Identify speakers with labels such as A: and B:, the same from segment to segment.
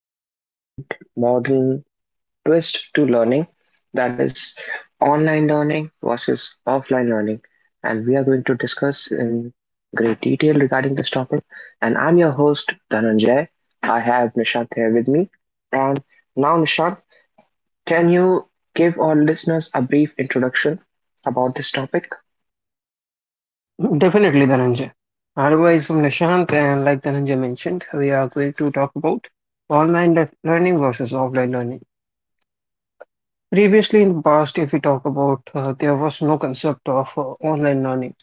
A: a very important modern twist to learning, that is online learning versus offline learning. And we are going to discuss in great detail regarding this topic. And I'm your host, Dhananjay. I have Nishant here with me. And now, Nishant, can you give our listeners a brief introduction about this topic?
B: Definitely, Dhananjay. Otherwise, from Nishant and like Dhananjay mentioned, we are going to talk about learning versus offline learning. Previously, in the past, if we talk about, there was no concept of online learning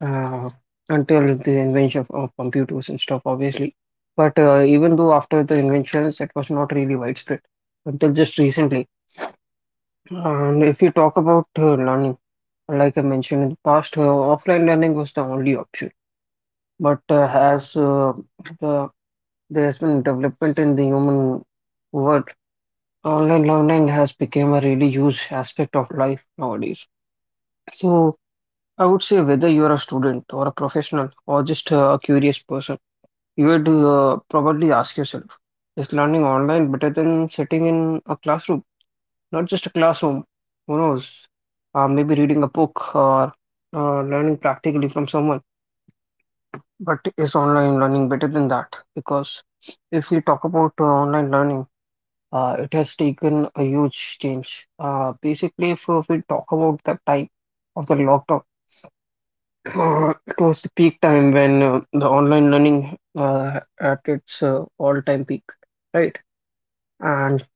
B: uh, until the invention of computers and stuff, obviously. But even though after the inventions, it was not really widespread until just recently. And if you talk about learning, like I mentioned in the past, offline learning was the only option. But as uh, there's been development in the human world, online learning has become a really huge aspect of life nowadays. So I would say whether you're a student or a professional or just a curious person, you would probably ask yourself, is learning online better than sitting in a classroom? Not just a classroom, who knows? Maybe reading a book or learning practically from someone. But is online learning better than that? Because if we talk about online learning, it has taken a huge change. Basically, if we talk about the time of the lockdown, it was the peak time when the online learning at its all-time peak, right? And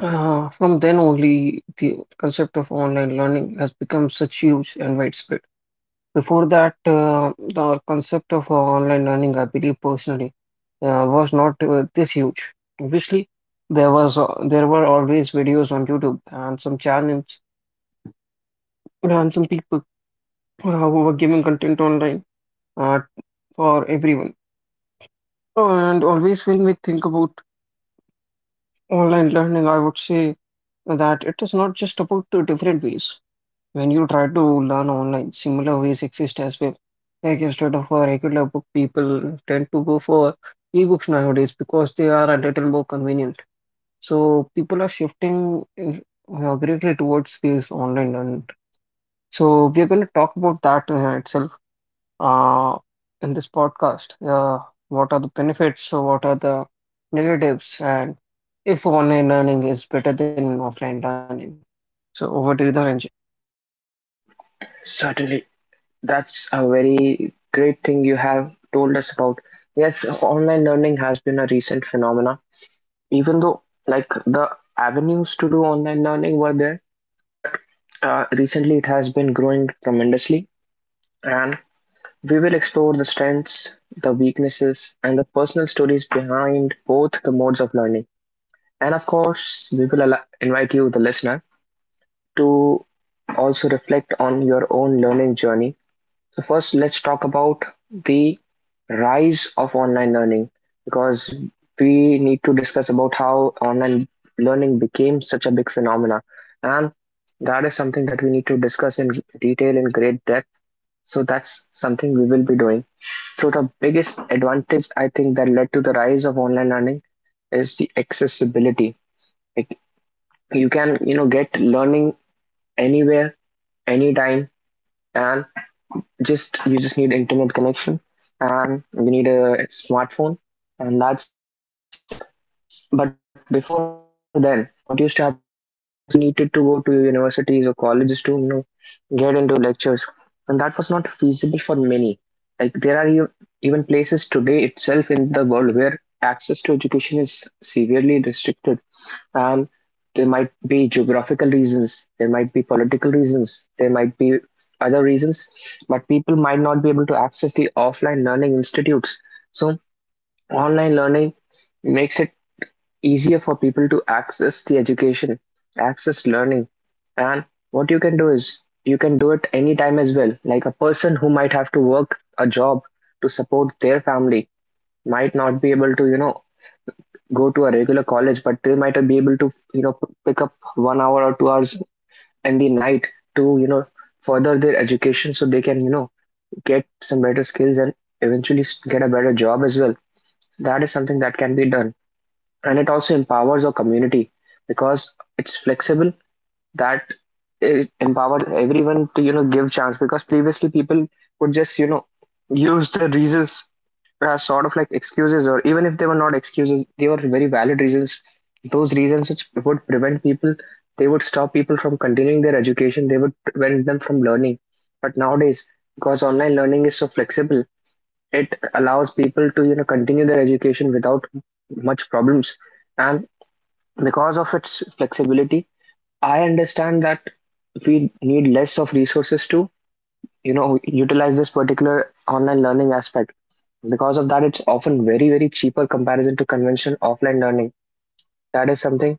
B: from then only, the concept of online learning has become such huge and widespread. Before that, the concept of online learning, I believe personally, was not this huge. Obviously, there were always videos on YouTube and some channels and some people who were giving content online uh, for everyone. And always when we think about online learning, I would say that it is not just about the different ways. When you try to learn online, similar ways exist as well. Like instead of a regular book, people tend to go for ebooks nowadays because they are a little more convenient. So people are shifting greatly towards these online learning. So we are going to talk about that itself uh, in this podcast. What are the benefits? So what are the negatives? And if online learning is better than offline learning? So over to you, Dhananjay.
A: Certainly. That's a very great thing you have told us about. Yes, online learning has been a recent phenomena, even though like the avenues to do online learning were there, but recently it has been growing tremendously. And we will explore the strengths, the weaknesses, and the personal stories behind both the modes of learning. And of course, we will invite you, the listener, to also reflect on your own learning journey. So first, let's talk about the rise of online learning, because we need to discuss about how online learning became such a big phenomena, and that is something that we need to discuss in detail in great depth. So that's something we will be doing. So the biggest advantage I think that led to the rise of online learning is the accessibility. Like you can, you know, get learning anywhere, anytime, and just you just need internet connection and you need a smartphone, and that's just it. But before then, what used to happen was people needed to go to universities or colleges to, you know, get into lectures, and that was not feasible for many. Like there are even places today itself in the world where access to education is severely restricted, and there might be geographical reasons, there might be political reasons, there might be other reasons, but people might not be able to access the offline learning institutes. So, online learning makes it easier for people to access the education, access learning. And what you can do is you can do it anytime as well. Like a person who might have to work a job to support their family might not be able to, you know, go to a regular college, but they might be able to, you know, pick up 1 hour or 2 hours in the night to, you know, further their education, so they can, you know, get some better skills and eventually get a better job as well. That is something that can be done. And it also empowers our community, because it's flexible, that it empowered everyone to, you know, give chance, because previously people would just, you know, use their reasons as sort of like excuses, or even if they were not excuses, they were very valid reasons, those reasons which would prevent people, they would stop people from continuing their education, they would prevent them from learning. But nowadays, because online learning is so flexible, it allows people to, you know, continue their education without much problems. And because of its flexibility, I understand that we need less of resources to, you know, utilize this particular online learning aspect. Because of that, it's often very, very cheaper comparison to conventional offline learning. That is something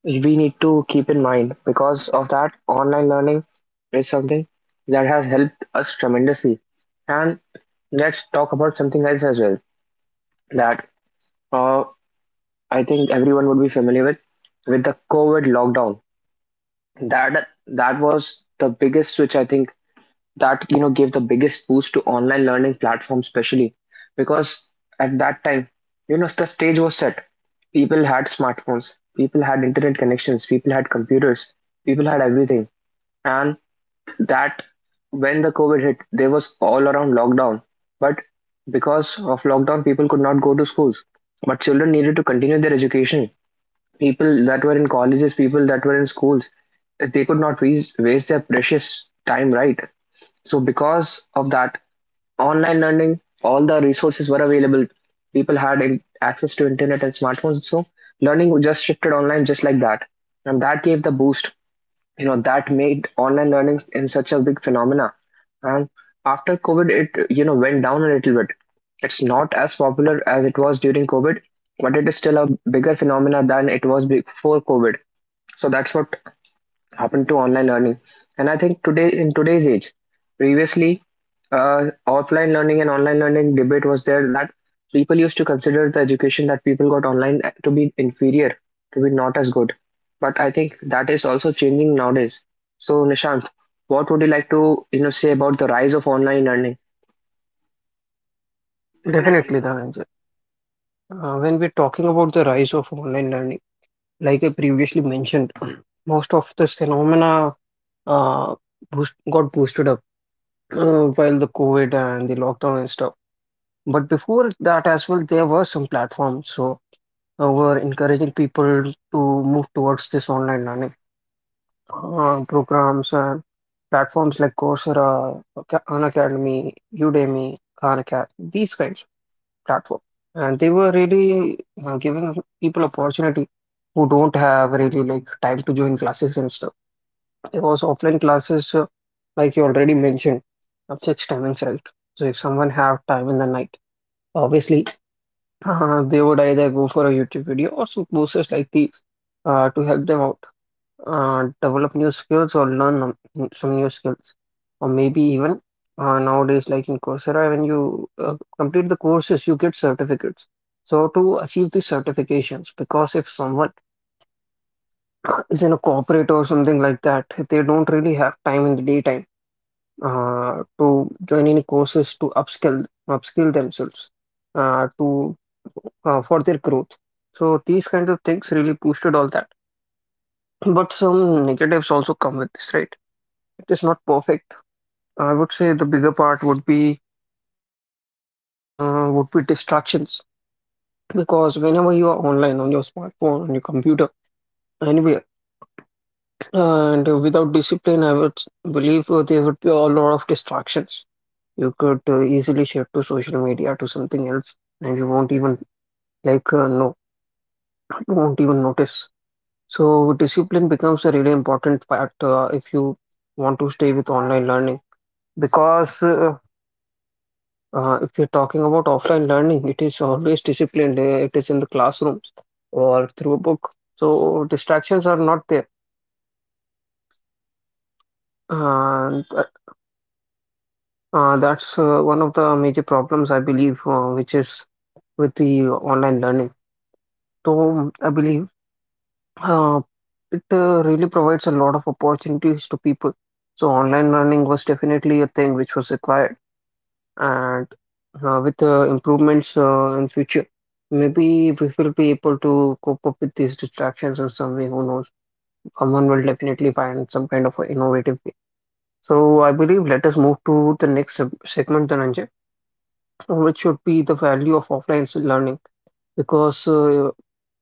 A: we need to keep in mind. Because of that, online learning is something that has helped us tremendously. And let's talk about something else as well, that uh, I think everyone would be familiar with the COVID lockdown. That was the biggest switch I think that, you know, gave the biggest boost to online learning platforms, especially because at that time, you know, the stage was set. People had smartphones, people had internet connections, people had computers, people had everything. And that, when the COVID hit, there was all around lockdown. But because of lockdown, people could not go to schools, but children needed to continue their education. People that were in colleges, people that were in schools, they could not waste their precious time, right? So because of that, online learning, all the resources were available. People had access to internet and smartphones, so learning just shifted online just like that, and that gave the boost. You know, that made online learning in such a big phenomena. And after COVID, it, you know, went down a little bit. It's not as popular as it was during COVID, but it is still a bigger phenomena than it was before COVID. So that's what happened to online learning. And I think today, in today's age, previously, uh, offline learning and online learning debate was there, that people used to consider the education that people got online to be inferior, to be not as good. But I think that is also changing nowadays. So Nishant, what would you like to, you know, say about the rise of online learning?
B: Definitely, Dhananjay. When we're talking about the rise of online learning, like I previously mentioned, most of this phenomena uh, got boosted up while the COVID and the lockdown and stuff. But before that as well, there were some platforms so were encouraging people to move towards this online learning programs and platforms like Coursera, Khan Academy, Udemy, Khan Academy, these kinds. Platform. And they were really giving people opportunity who don't have really like time to join classes and stuff. It was offline classes, like you already mentioned, of six timings, right? So if someone have time in the night, obviously they would either go for a YouTube video or some courses like these to help them out develop new skills or learn some new skills or maybe even nowadays like in coursera when you complete the courses you get certificates, so to achieve these certifications, because if someone is in a corporate or something like that, they don't really have time in the daytime to join any courses to upskill themselves to for their growth. So these kinds of things really boosted all that. But some negatives also come with this, right? It is not perfect. I would say the bigger part would be distractions, because whenever you are online on your smartphone, on your computer, anywhere, and without discipline, believe there would be a lot of distractions. You could easily shift to social media to something else, and you won't even like uh, no, you won't even notice. So discipline becomes a really important part if you want to stay with online learning, because if you're talking about offline learning, it is always disciplined. It is in the classrooms or through a book. So distractions are not there. And that's one of the major problems, I believe, which is with the online learning. So I believe uh, it really provides a lot of opportunities to people. So online learning was definitely a thing which was required. And with improvements in future, maybe we will be able to cope up with these distractions in some way. Who knows? Someone will definitely find some kind of a innovative way. So I believe let us move to the next segment, Dhananjay, which should be the value of offline learning, because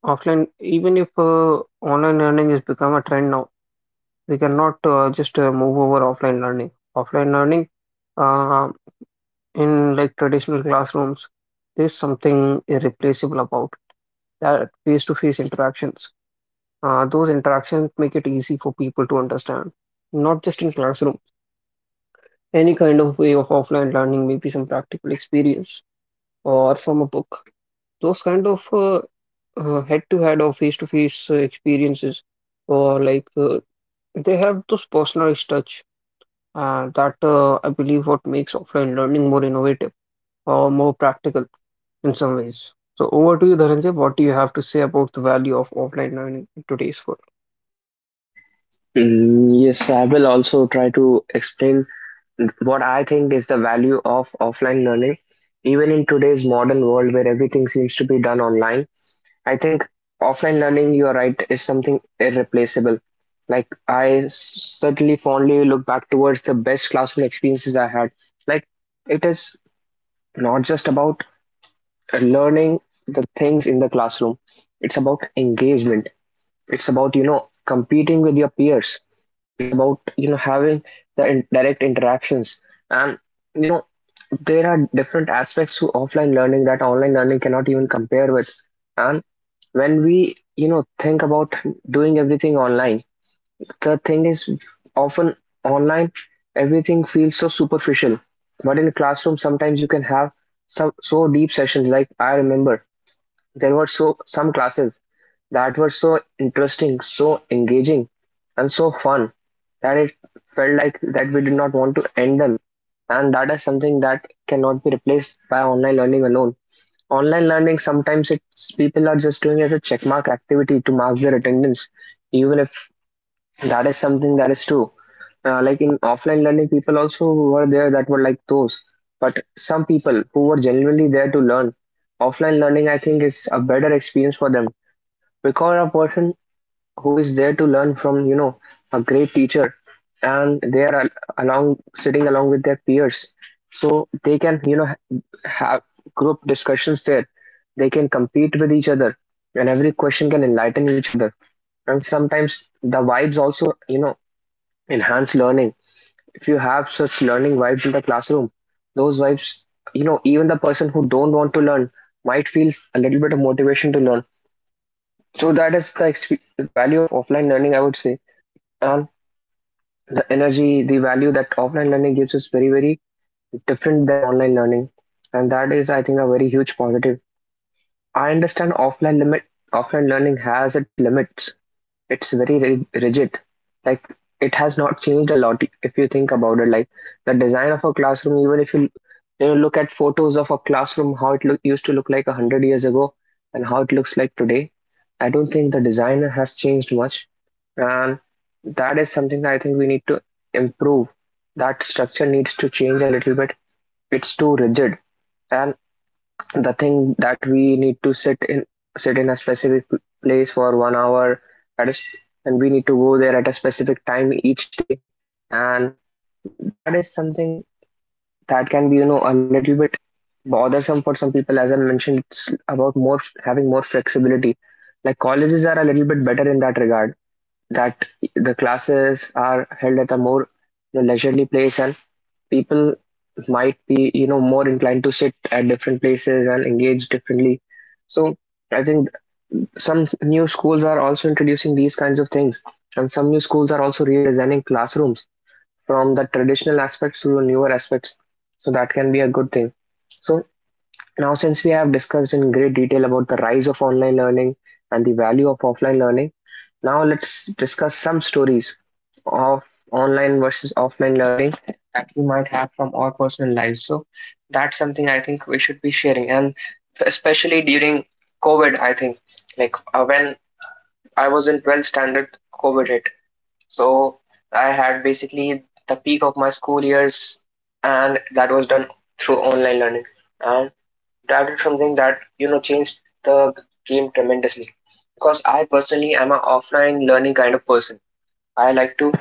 B: offline, even if online learning has become a trend now, we cannot just move over offline learning. Offline learning. Uh, in like traditional classrooms, there's something irreplaceable about that face-to-face interactions. Those interactions make it easy for people to understand, not just in classroom. Any kind of way of offline learning, maybe some practical experience or from a book. Those kind of head-to-head or face-to-face experiences, or like they have those personalized touch. That I believe what makes offline learning more innovative or more practical in some ways. So over to you, Dhananjay. What do you have to say about the value of offline learning in today's world?
A: Mm, yes, I will also try to explain what I think is the value of offline learning, even in today's modern world where everything seems to be done online. I think offline learning, you're right, is something irreplaceable. Like I certainly fondly look back towards the best classroom experiences I had. Like it is not just about learning the things in the classroom. It's about engagement. It's about, you know, competing with your peers. It's about, you know, having the in direct interactions. And, you know, there are different aspects to offline learning that online learning cannot even compare with. And when we, you know, think about doing everything online, the thing is often online everything feels so superficial. But in classroom, sometimes you can have some so deep sessions. Like I remember, there were some classes that were so interesting, so engaging, and so fun that it felt like that we did not want to end them. And that is something that cannot be replaced by online learning alone. Online learning sometimes it's people are just doing as a checkmark activity to mark their attendance, even if that is something that is true. Like in offline learning, people also were there that were like those. But some people who were genuinely there to learn, offline learning I think is a better experience for them, because a person who is there to learn from, you know, a great teacher, and they are along sitting along with their peers, so they can, you know, have group discussions there, they can compete with each other, and every question can enlighten each other. And sometimes the vibes also, you know, enhance learning. If you have such learning vibes in the classroom, those vibes, you know, even the person who don't want to learn might feel a little bit of motivation to learn. So that is the value of offline learning, I would say. And the energy, the value that offline learning gives is very, very different than online learning. And that is, I think, a very huge positive. I understand offline learning has its limits, it's very rigid, like it has not changed a lot. If you think about it, like the design of a classroom, even if you, you know, look at photos of a classroom, used to look like 100 years ago and how it looks like today, I don't think the design has changed much. And that is something I think we need to improve, that structure needs to change a little bit, it's too rigid. And the thing that we need to sit in a specific place for 1 hour at a, s- and we need to go there at a specific time each day, and that is something that can be, you know, a little bit bothersome for some people. As I mentioned, it's about more having more flexibility. Like colleges are a little bit better in that regard, that the classes are held at a more, you know, leisurely place, and people might be, you know, more inclined to sit at different places and engage differently. So I think some new schools are also introducing these kinds of things, and some new schools are also redesigning classrooms from the traditional aspects to the newer aspects, so that can be a good thing. So now since we have discussed in great detail about the rise of online learning and the value of offline learning, now let's discuss some stories of online versus offline learning that we might have from our personal lives. So that's something I think we should be sharing, and especially during COVID, I think, like when I was in 12th standard, COVID hit. So I had basically the peak of my school years, and that was done through online learning. And that is something that, you know, changed the game tremendously, because I personally am an offline learning kind of person. I like to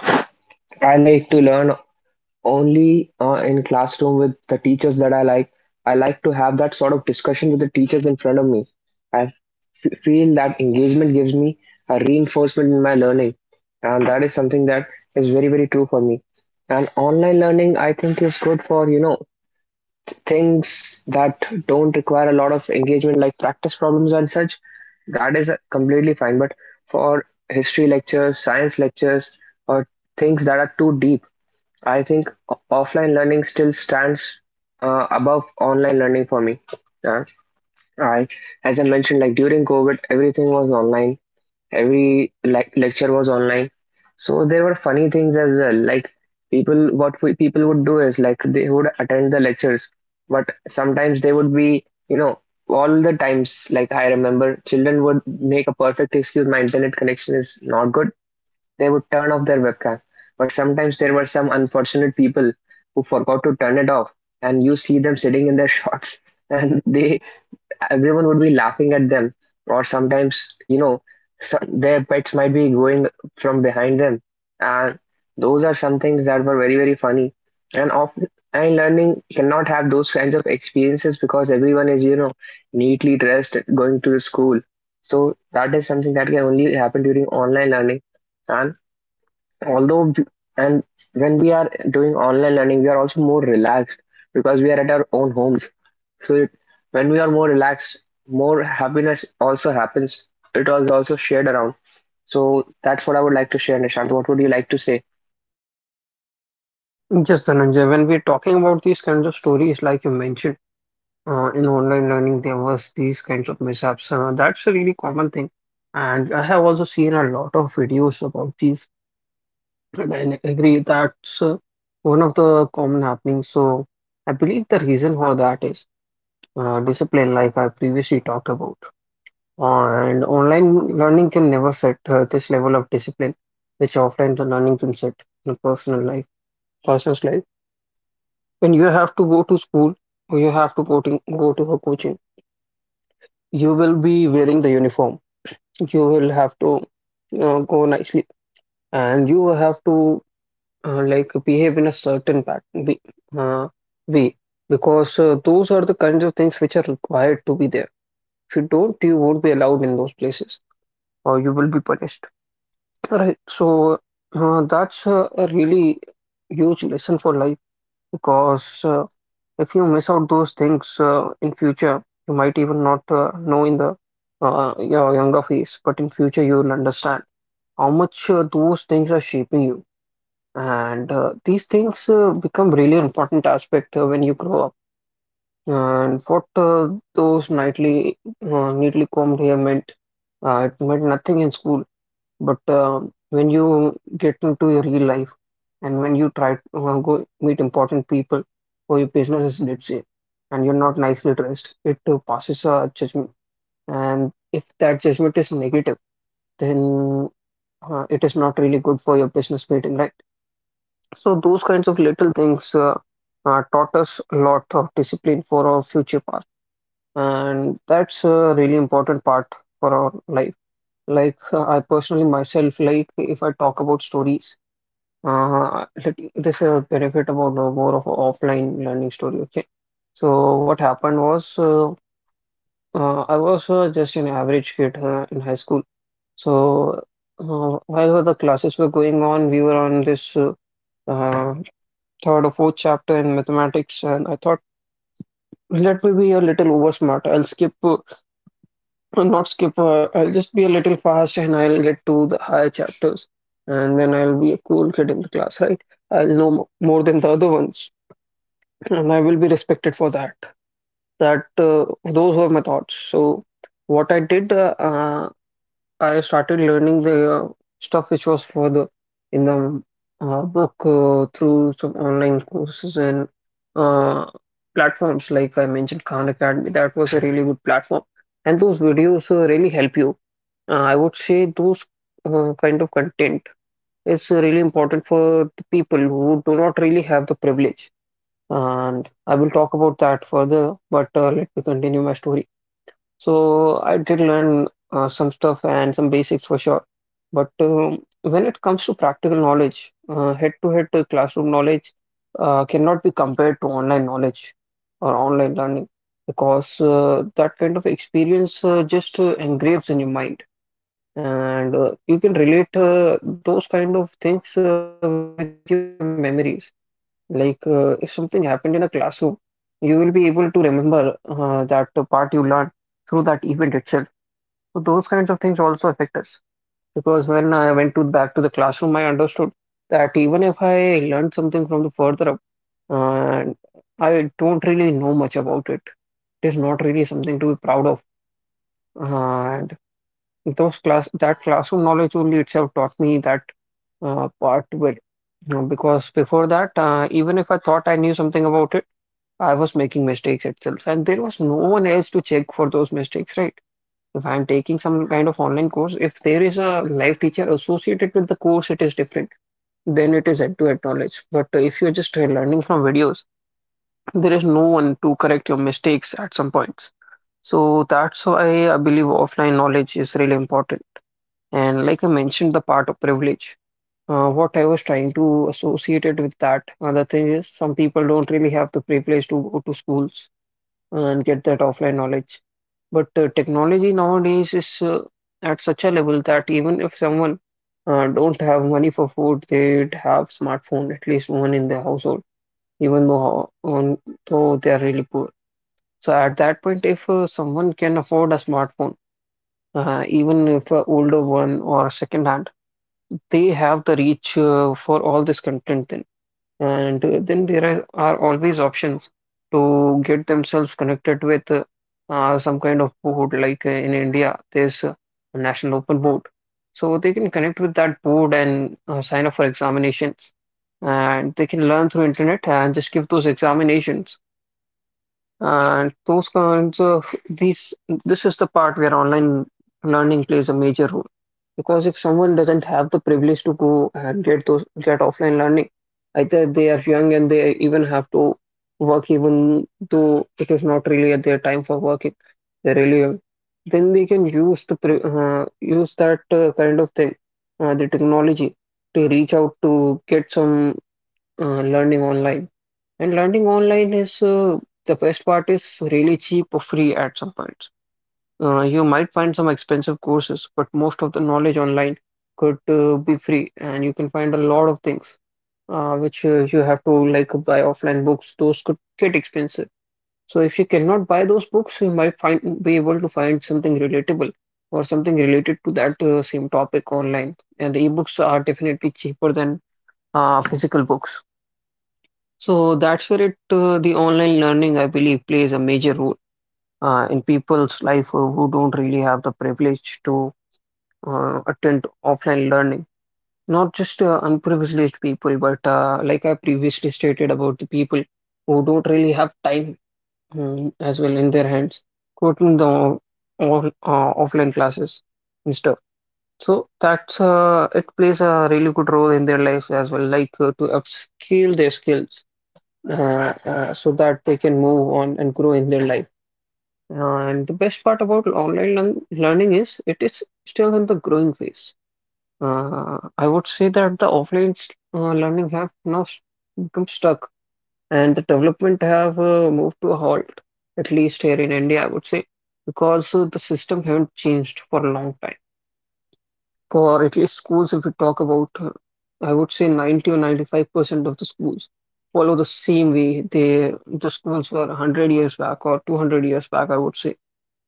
A: learn only in classroom with the teachers that I like. I like to have that sort of discussion with the teachers in front of me. I feel that engagement gives me a reinforcement in my learning, and that is something that is very very true for me. And online learning, I think, is good for things that don't require a lot of engagement, like practice problems and such. That is completely fine. But for history lectures, science lectures, or things that are too deep, I think offline learning still stands above online learning for me. Yeah. I, as I mentioned, like during COVID, everything was online, every like lecture was online, so there were funny things as well. Like people, people would do is like they would attend the lectures, but sometimes they would be, all the times, like I remember children would make a perfect excuse: my internet connection is not good. They would turn off their webcam, but sometimes there were some unfortunate people who forgot to turn it off and you see them sitting in their shorts and they, everyone would be laughing at them. Or sometimes, so their pets might be going from behind them, and those are some things that were very very funny. and off and learning cannot have those kinds of experiences because everyone is, neatly dressed going to the school. So that is something that can only happen during online learning. And although and when we are doing online learning, we are also more relaxed because we are at our own homes. so it, when we are more relaxed, more happiness also happens. It was also shared around. So that's what I would like to share. Nishant, what would you like to say?
B: Yes, Dhananjay, when we're talking about these kinds of stories, like you mentioned, in online learning, there was these kinds of mishaps. That's a really common thing. And I have also seen a lot of videos about these, and I agree that's one of the common happenings. So I believe the reason for that is discipline, like I previously talked about. And online learning can never set this level of discipline, which offline learning can set in a personal life, person's life. When you have to go to school or you have to go to a coaching, you will be wearing the uniform. You will have to go nicely, and you have to like behave in a certain pattern, uh, way, because those are the kinds of things which are required to be there. If you don't, you won't be allowed in those places, or you will be punished. Right. So that's a really huge lesson for life, because if you miss out those things in future, you might even not know in the your younger phase, but in future you will understand how much those things are shaping you. And these things become really important aspect when you grow up. And what those nightly, neatly combed hair meant, it meant nothing in school, but when you get into your real life and when you try to go meet important people for your businesses, let's say, and you're not nicely dressed, it passes a judgment. And if that judgment is negative, then it is not really good for your business meeting, right? So those kinds of little things taught us a lot of discipline for our future path, and that's a really important part for our life. Like I personally myself, like if I talk about stories, this a benefit about more of a offline learning story. Okay, so what happened was I was just an average kid in high school. So while the classes were going on, we were on this uh, third or fourth chapter in mathematics, and I thought, let me be a little over smart. I'll skip, not skip. I'll just be a little fast, and I'll get to the higher chapters, and then I'll be a cool kid in the class, right? I'll more than the other ones. And I will be respected for that. That those were my thoughts. So what I did, I started learning the stuff which was for the in the book through some online courses and uh, platforms like I mentioned Khan Academy. That was a really good platform, and those videos really help you. I would say those kind of content is really important for the people who do not really have the privilege, and I will talk about that further, but let me continue my story. So I did learn some stuff and some basics for sure, but when it comes to practical knowledge, head-to-head classroom knowledge cannot be compared to online knowledge or online learning, because that kind of experience just engraves in your mind. And you can relate those kind of things with your memories. Like, if something happened in a classroom, you will be able to remember that the part you learned through that event itself. So those kinds of things also affect us because when I went to back to the classroom, I understood that even if I learned something from the further up, uh, I don't really know much about it. It is not really something to be proud of. Uh, those class that classroom knowledge only itself taught me that part where because before that even if I thought I knew something about it, I was making mistakes itself and there was no one else to check for those mistakes, right? If I'm taking some kind of online course, if there is a live teacher associated with the course, it is different. Then it is head to head knowledge, but if you're just learning from videos, there is no one to correct your mistakes at some points. So that's why I believe offline knowledge is really important. And like I mentioned, the part of privilege, what I was trying to associate it with that. The thing is, some people don't really have the privilege to go to schools and get that offline knowledge. But technology nowadays is at such a level that even if someone don't have money for food, they'd have smartphone, at least one in their household, even though though they are really poor. So at that point, if someone can afford a smartphone, even if an older one or second hand, they have the reach for all this content then. And then there are always options to get themselves connected with some kind of board, like in India there's a national open board. So they can connect with that board and sign up for examinations, and they can learn through internet and just give those examinations. And those kinds of these, this is the part where online learning plays a major role. Because if someone doesn't have the privilege to go and get those get offline learning, either they are young and they even have to work, even though it is not really at their time for working, they're really young. Then they can use use that kind of thing, the technology, to reach out to get some learning online. And learning online is, the best part is, really cheap or free at some points. You might find some expensive courses, but most of the knowledge online could be free, and you can find a lot of things which you have to like buy offline books. Those could get expensive. So if you cannot buy those books, you might find be able to find something relatable or something related to that same topic online. And the ebooks are definitely cheaper than physical books. So that's where it the online learning, I believe, plays a major role in people's life who don't really have the privilege to attend offline learning. Not just unprivileged people, but like I previously stated, about the people who don't really have time as well in their hands to attend all, offline classes and stuff. So that's it plays a really good role in their lives as well, like to upscale their skills so that they can move on and grow in their life. And the best part about learning is it is still in the growing phase. I would say that the offline learning have now become stuck and the development have moved to a halt, at least here in India, I would say, because the system haven't changed for a long time, for at least schools, if we talk about, I would say 90 or 95% of the schools follow the same way the schools were 100 years back or 200 years back, I would say.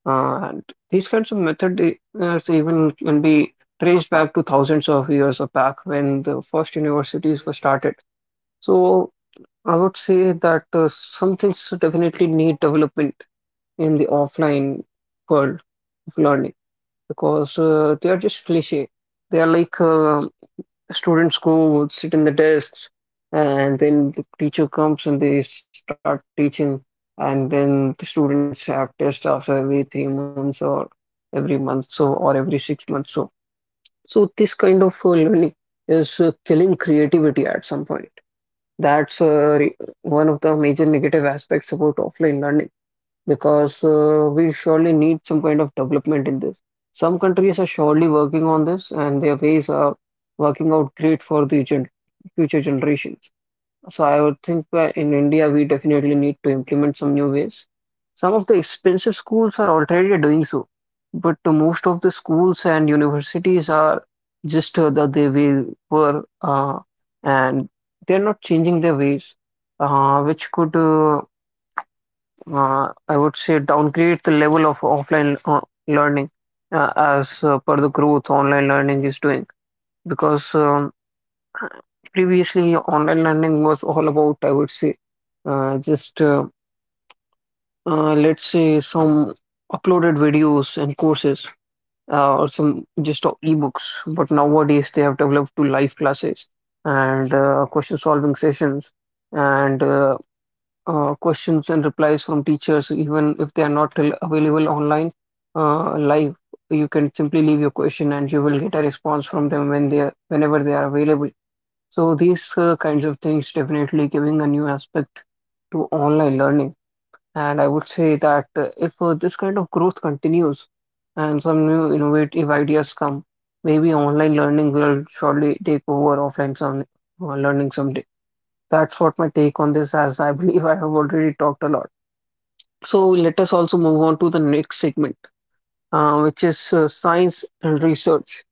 B: And these kinds of method so even can be traced back to thousands of years of back when the first universities were started. So I would say that some things definitely need development in the offline world of learning, because they are just cliche. They are like, students go sit in the desks and then the teacher comes and they start teaching, and then the students have tests after every 3 months or every month so or every 6 months so. So this kind of learning is killing creativity at some point. That's one of the major negative aspects about offline learning, because we surely need some kind of development in this. Some countries are surely working on this, and their ways are working out great for the gen future generations. So I would think that in India we definitely need to implement some new ways. Some of the expensive schools are already doing so, but the most of the schools and universities are just that they way were, and they're not changing their ways, which could I would say downgrade the level of offline learning as per the growth online learning is doing. Because previously online learning was all about, I would say, just let's say, some uploaded videos and courses or some just ebooks, but nowadays they have developed to live classes and question solving sessions and questions and replies from teachers, even if they are not available online live. You can simply leave your question and you will get a response from them when they are, whenever they are available. So these kinds of things definitely giving a new aspect to online learning. And I would say that if this kind of growth continues and some new innovative ideas come, maybe online learning will surely take over offline some learning someday. That's what my take on this, as I believe I have already talked a lot. So let us also move on to the next segment, which is science and research.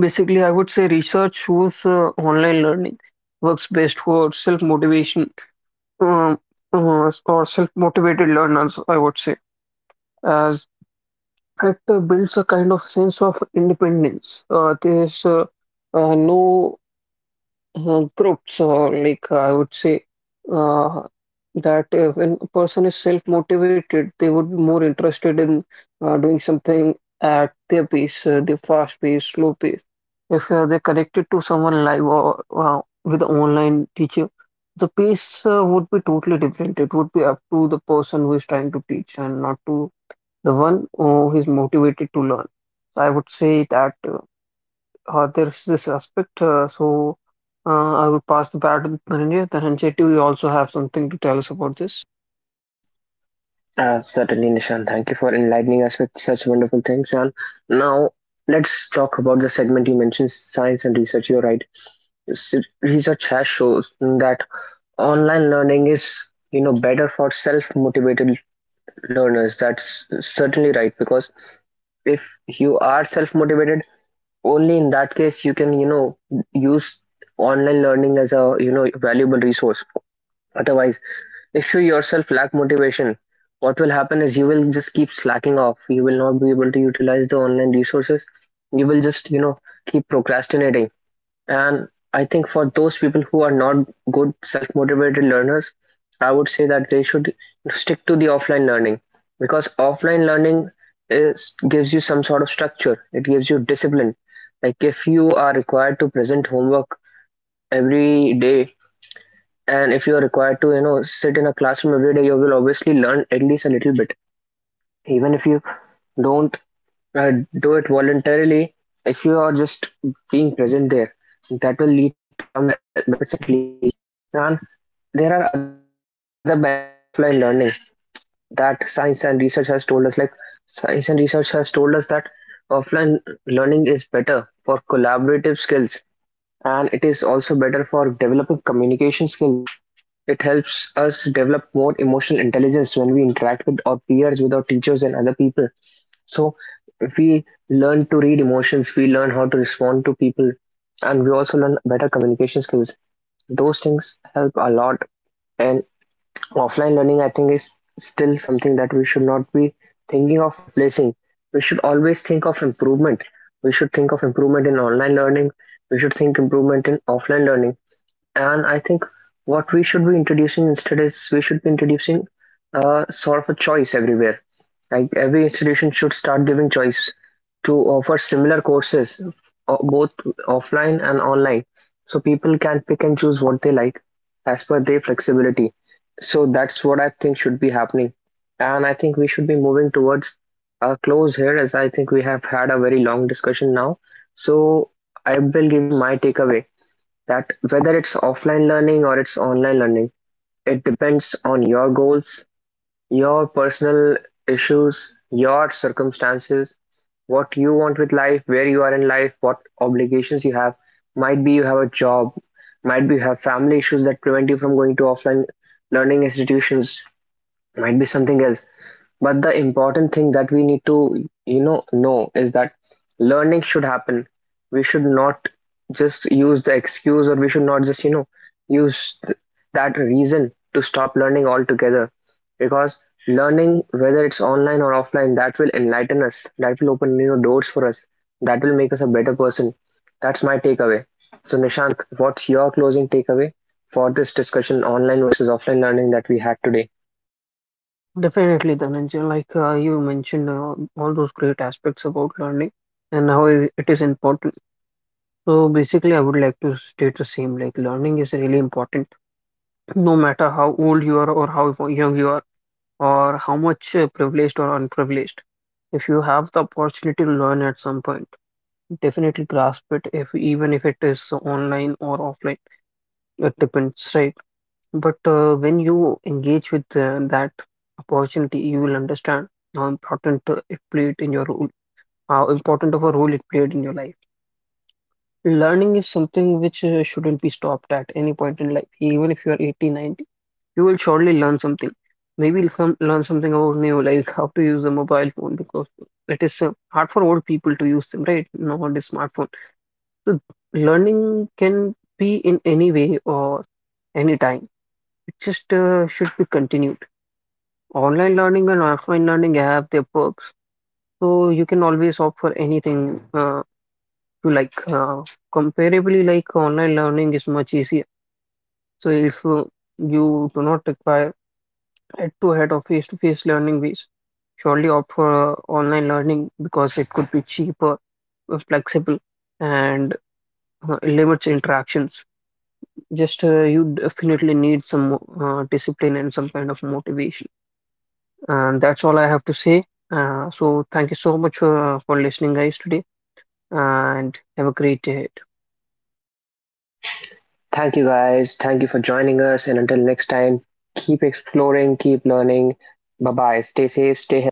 B: Basically, I would say research shows online learning works best for self motivation, um, or self motivated learners, I would say, as it builds a kind of sense of independence. There's no groups, or like I would say uh, that when a person is self-motivated, they would be more interested in doing something at their pace, their fast pace, slow pace. If they're connected to someone live or with an online teacher, the pace would be totally different. It would be up to the person who is trying to teach and not to the one who is motivated to learn. So I would say that. There's this aspect. So I will pass the bat with Dhananjay. Dhananjay, do you also have something to tell us about this?
A: Certainly, Nishant, thank you for enlightening us with such wonderful things. And now let's talk about the segment you mentioned, science and research. You're right, S- research has shown that online learning is, you know, better for self motivated. No, no, that's certainly right. Because if you are self-motivated, only in that case you can, you know, use online learning as a, you know, valuable resource. Otherwise, if you yourself lack motivation, what will happen is you will just keep slacking off. You will not be able to utilize the online resources. You will just, you know, keep procrastinating. And I think for those people who are not good self-motivated learners, I would say that they should stick to the offline learning, because offline learning is gives you some sort of structure. It gives you discipline. Like if you are required to present homework every day, and if you are required to, you know, sit in a classroom every day, you will obviously learn at least a little bit. Even if you don't uh, do it voluntarily, if you are just being present there, that will lead to some benefits at least. And there are other benefits as well of offline learning that science and research has told us. Like science and research has told us that offline learning is better for collaborative skills, and it is also better for developing communication skills. It helps us develop more emotional intelligence when we interact with our peers, with our teachers and other people. So we learn to read emotions, we learn how to respond to people, and we also learn better communication skills. Those things help a lot. And offline learning, I think, is still something that we should not be thinking of replacing. We should always think of improvement. We should think of improvement in online learning. We should think improvement in offline learning. And I think what we should be introducing instead is we should be introducing sort of a choice everywhere. Like every institution should start giving choice to offer similar courses, both offline and online. So people can pick and choose what they like as per their flexibility. So that's what I think should be happening. And I think we should be moving towards a close here, as I think we have had a very long discussion now. So I will give you my takeaway that whether it's offline learning or it's online learning, it depends on your goals, your personal issues, your circumstances, what you want with life, where you are in life, what obligations you have. Might be you have a job, might be you have family issues that prevent you from going to offline learning institutions, might be something else. But the important thing that we need to, you know is that learning should happen. We should not just use the excuse, or we should not just, you know, use that reason to stop learning altogether. Because learning, whether it's online or offline, that will enlighten us, that will open new doors for us, that will make us a better person. That's my takeaway. So, Nishant, what's your closing takeaway for this discussion, online versus offline learning, that we had today?
B: Definitely, Dhananjay. Like you mentioned, all those great aspects about learning and how it is important. So basically, I would like to state the same. Like, learning is really important, no matter how old you are or how young you are or how much privileged or unprivileged. If you have the opportunity to learn at some point, definitely grasp it. If even if it is online or offline, it depends, right? But when you engage with that opportunity, you will understand how important it played in your role, how important of a role it played in your life. Learning is something which shouldn't be stopped at any point in life. Even if you are 80, 90, you will surely learn something. Maybe you'll learn something about new, like how to use a mobile phone, because it is hard for old people to use them, right? Nowadays, smartphone. So learning can be in any way or any time. It just should be continued. Online learning and offline learning have their perks, so you can always opt for anything you like. Comparably, like online learning is much easier. So if you do not require head-to-head or face-to-face learning ways, surely opt for online learning because it could be cheaper, flexible, and limits interactions. Just you definitely need some discipline and some kind of motivation. And that's all I have to say. So thank you so much for listening, guys, today, and have a great day.
A: Thank you guys. Thank you for joining us. And until next time, keep exploring, keep learning. Bye bye. Stay safe, stay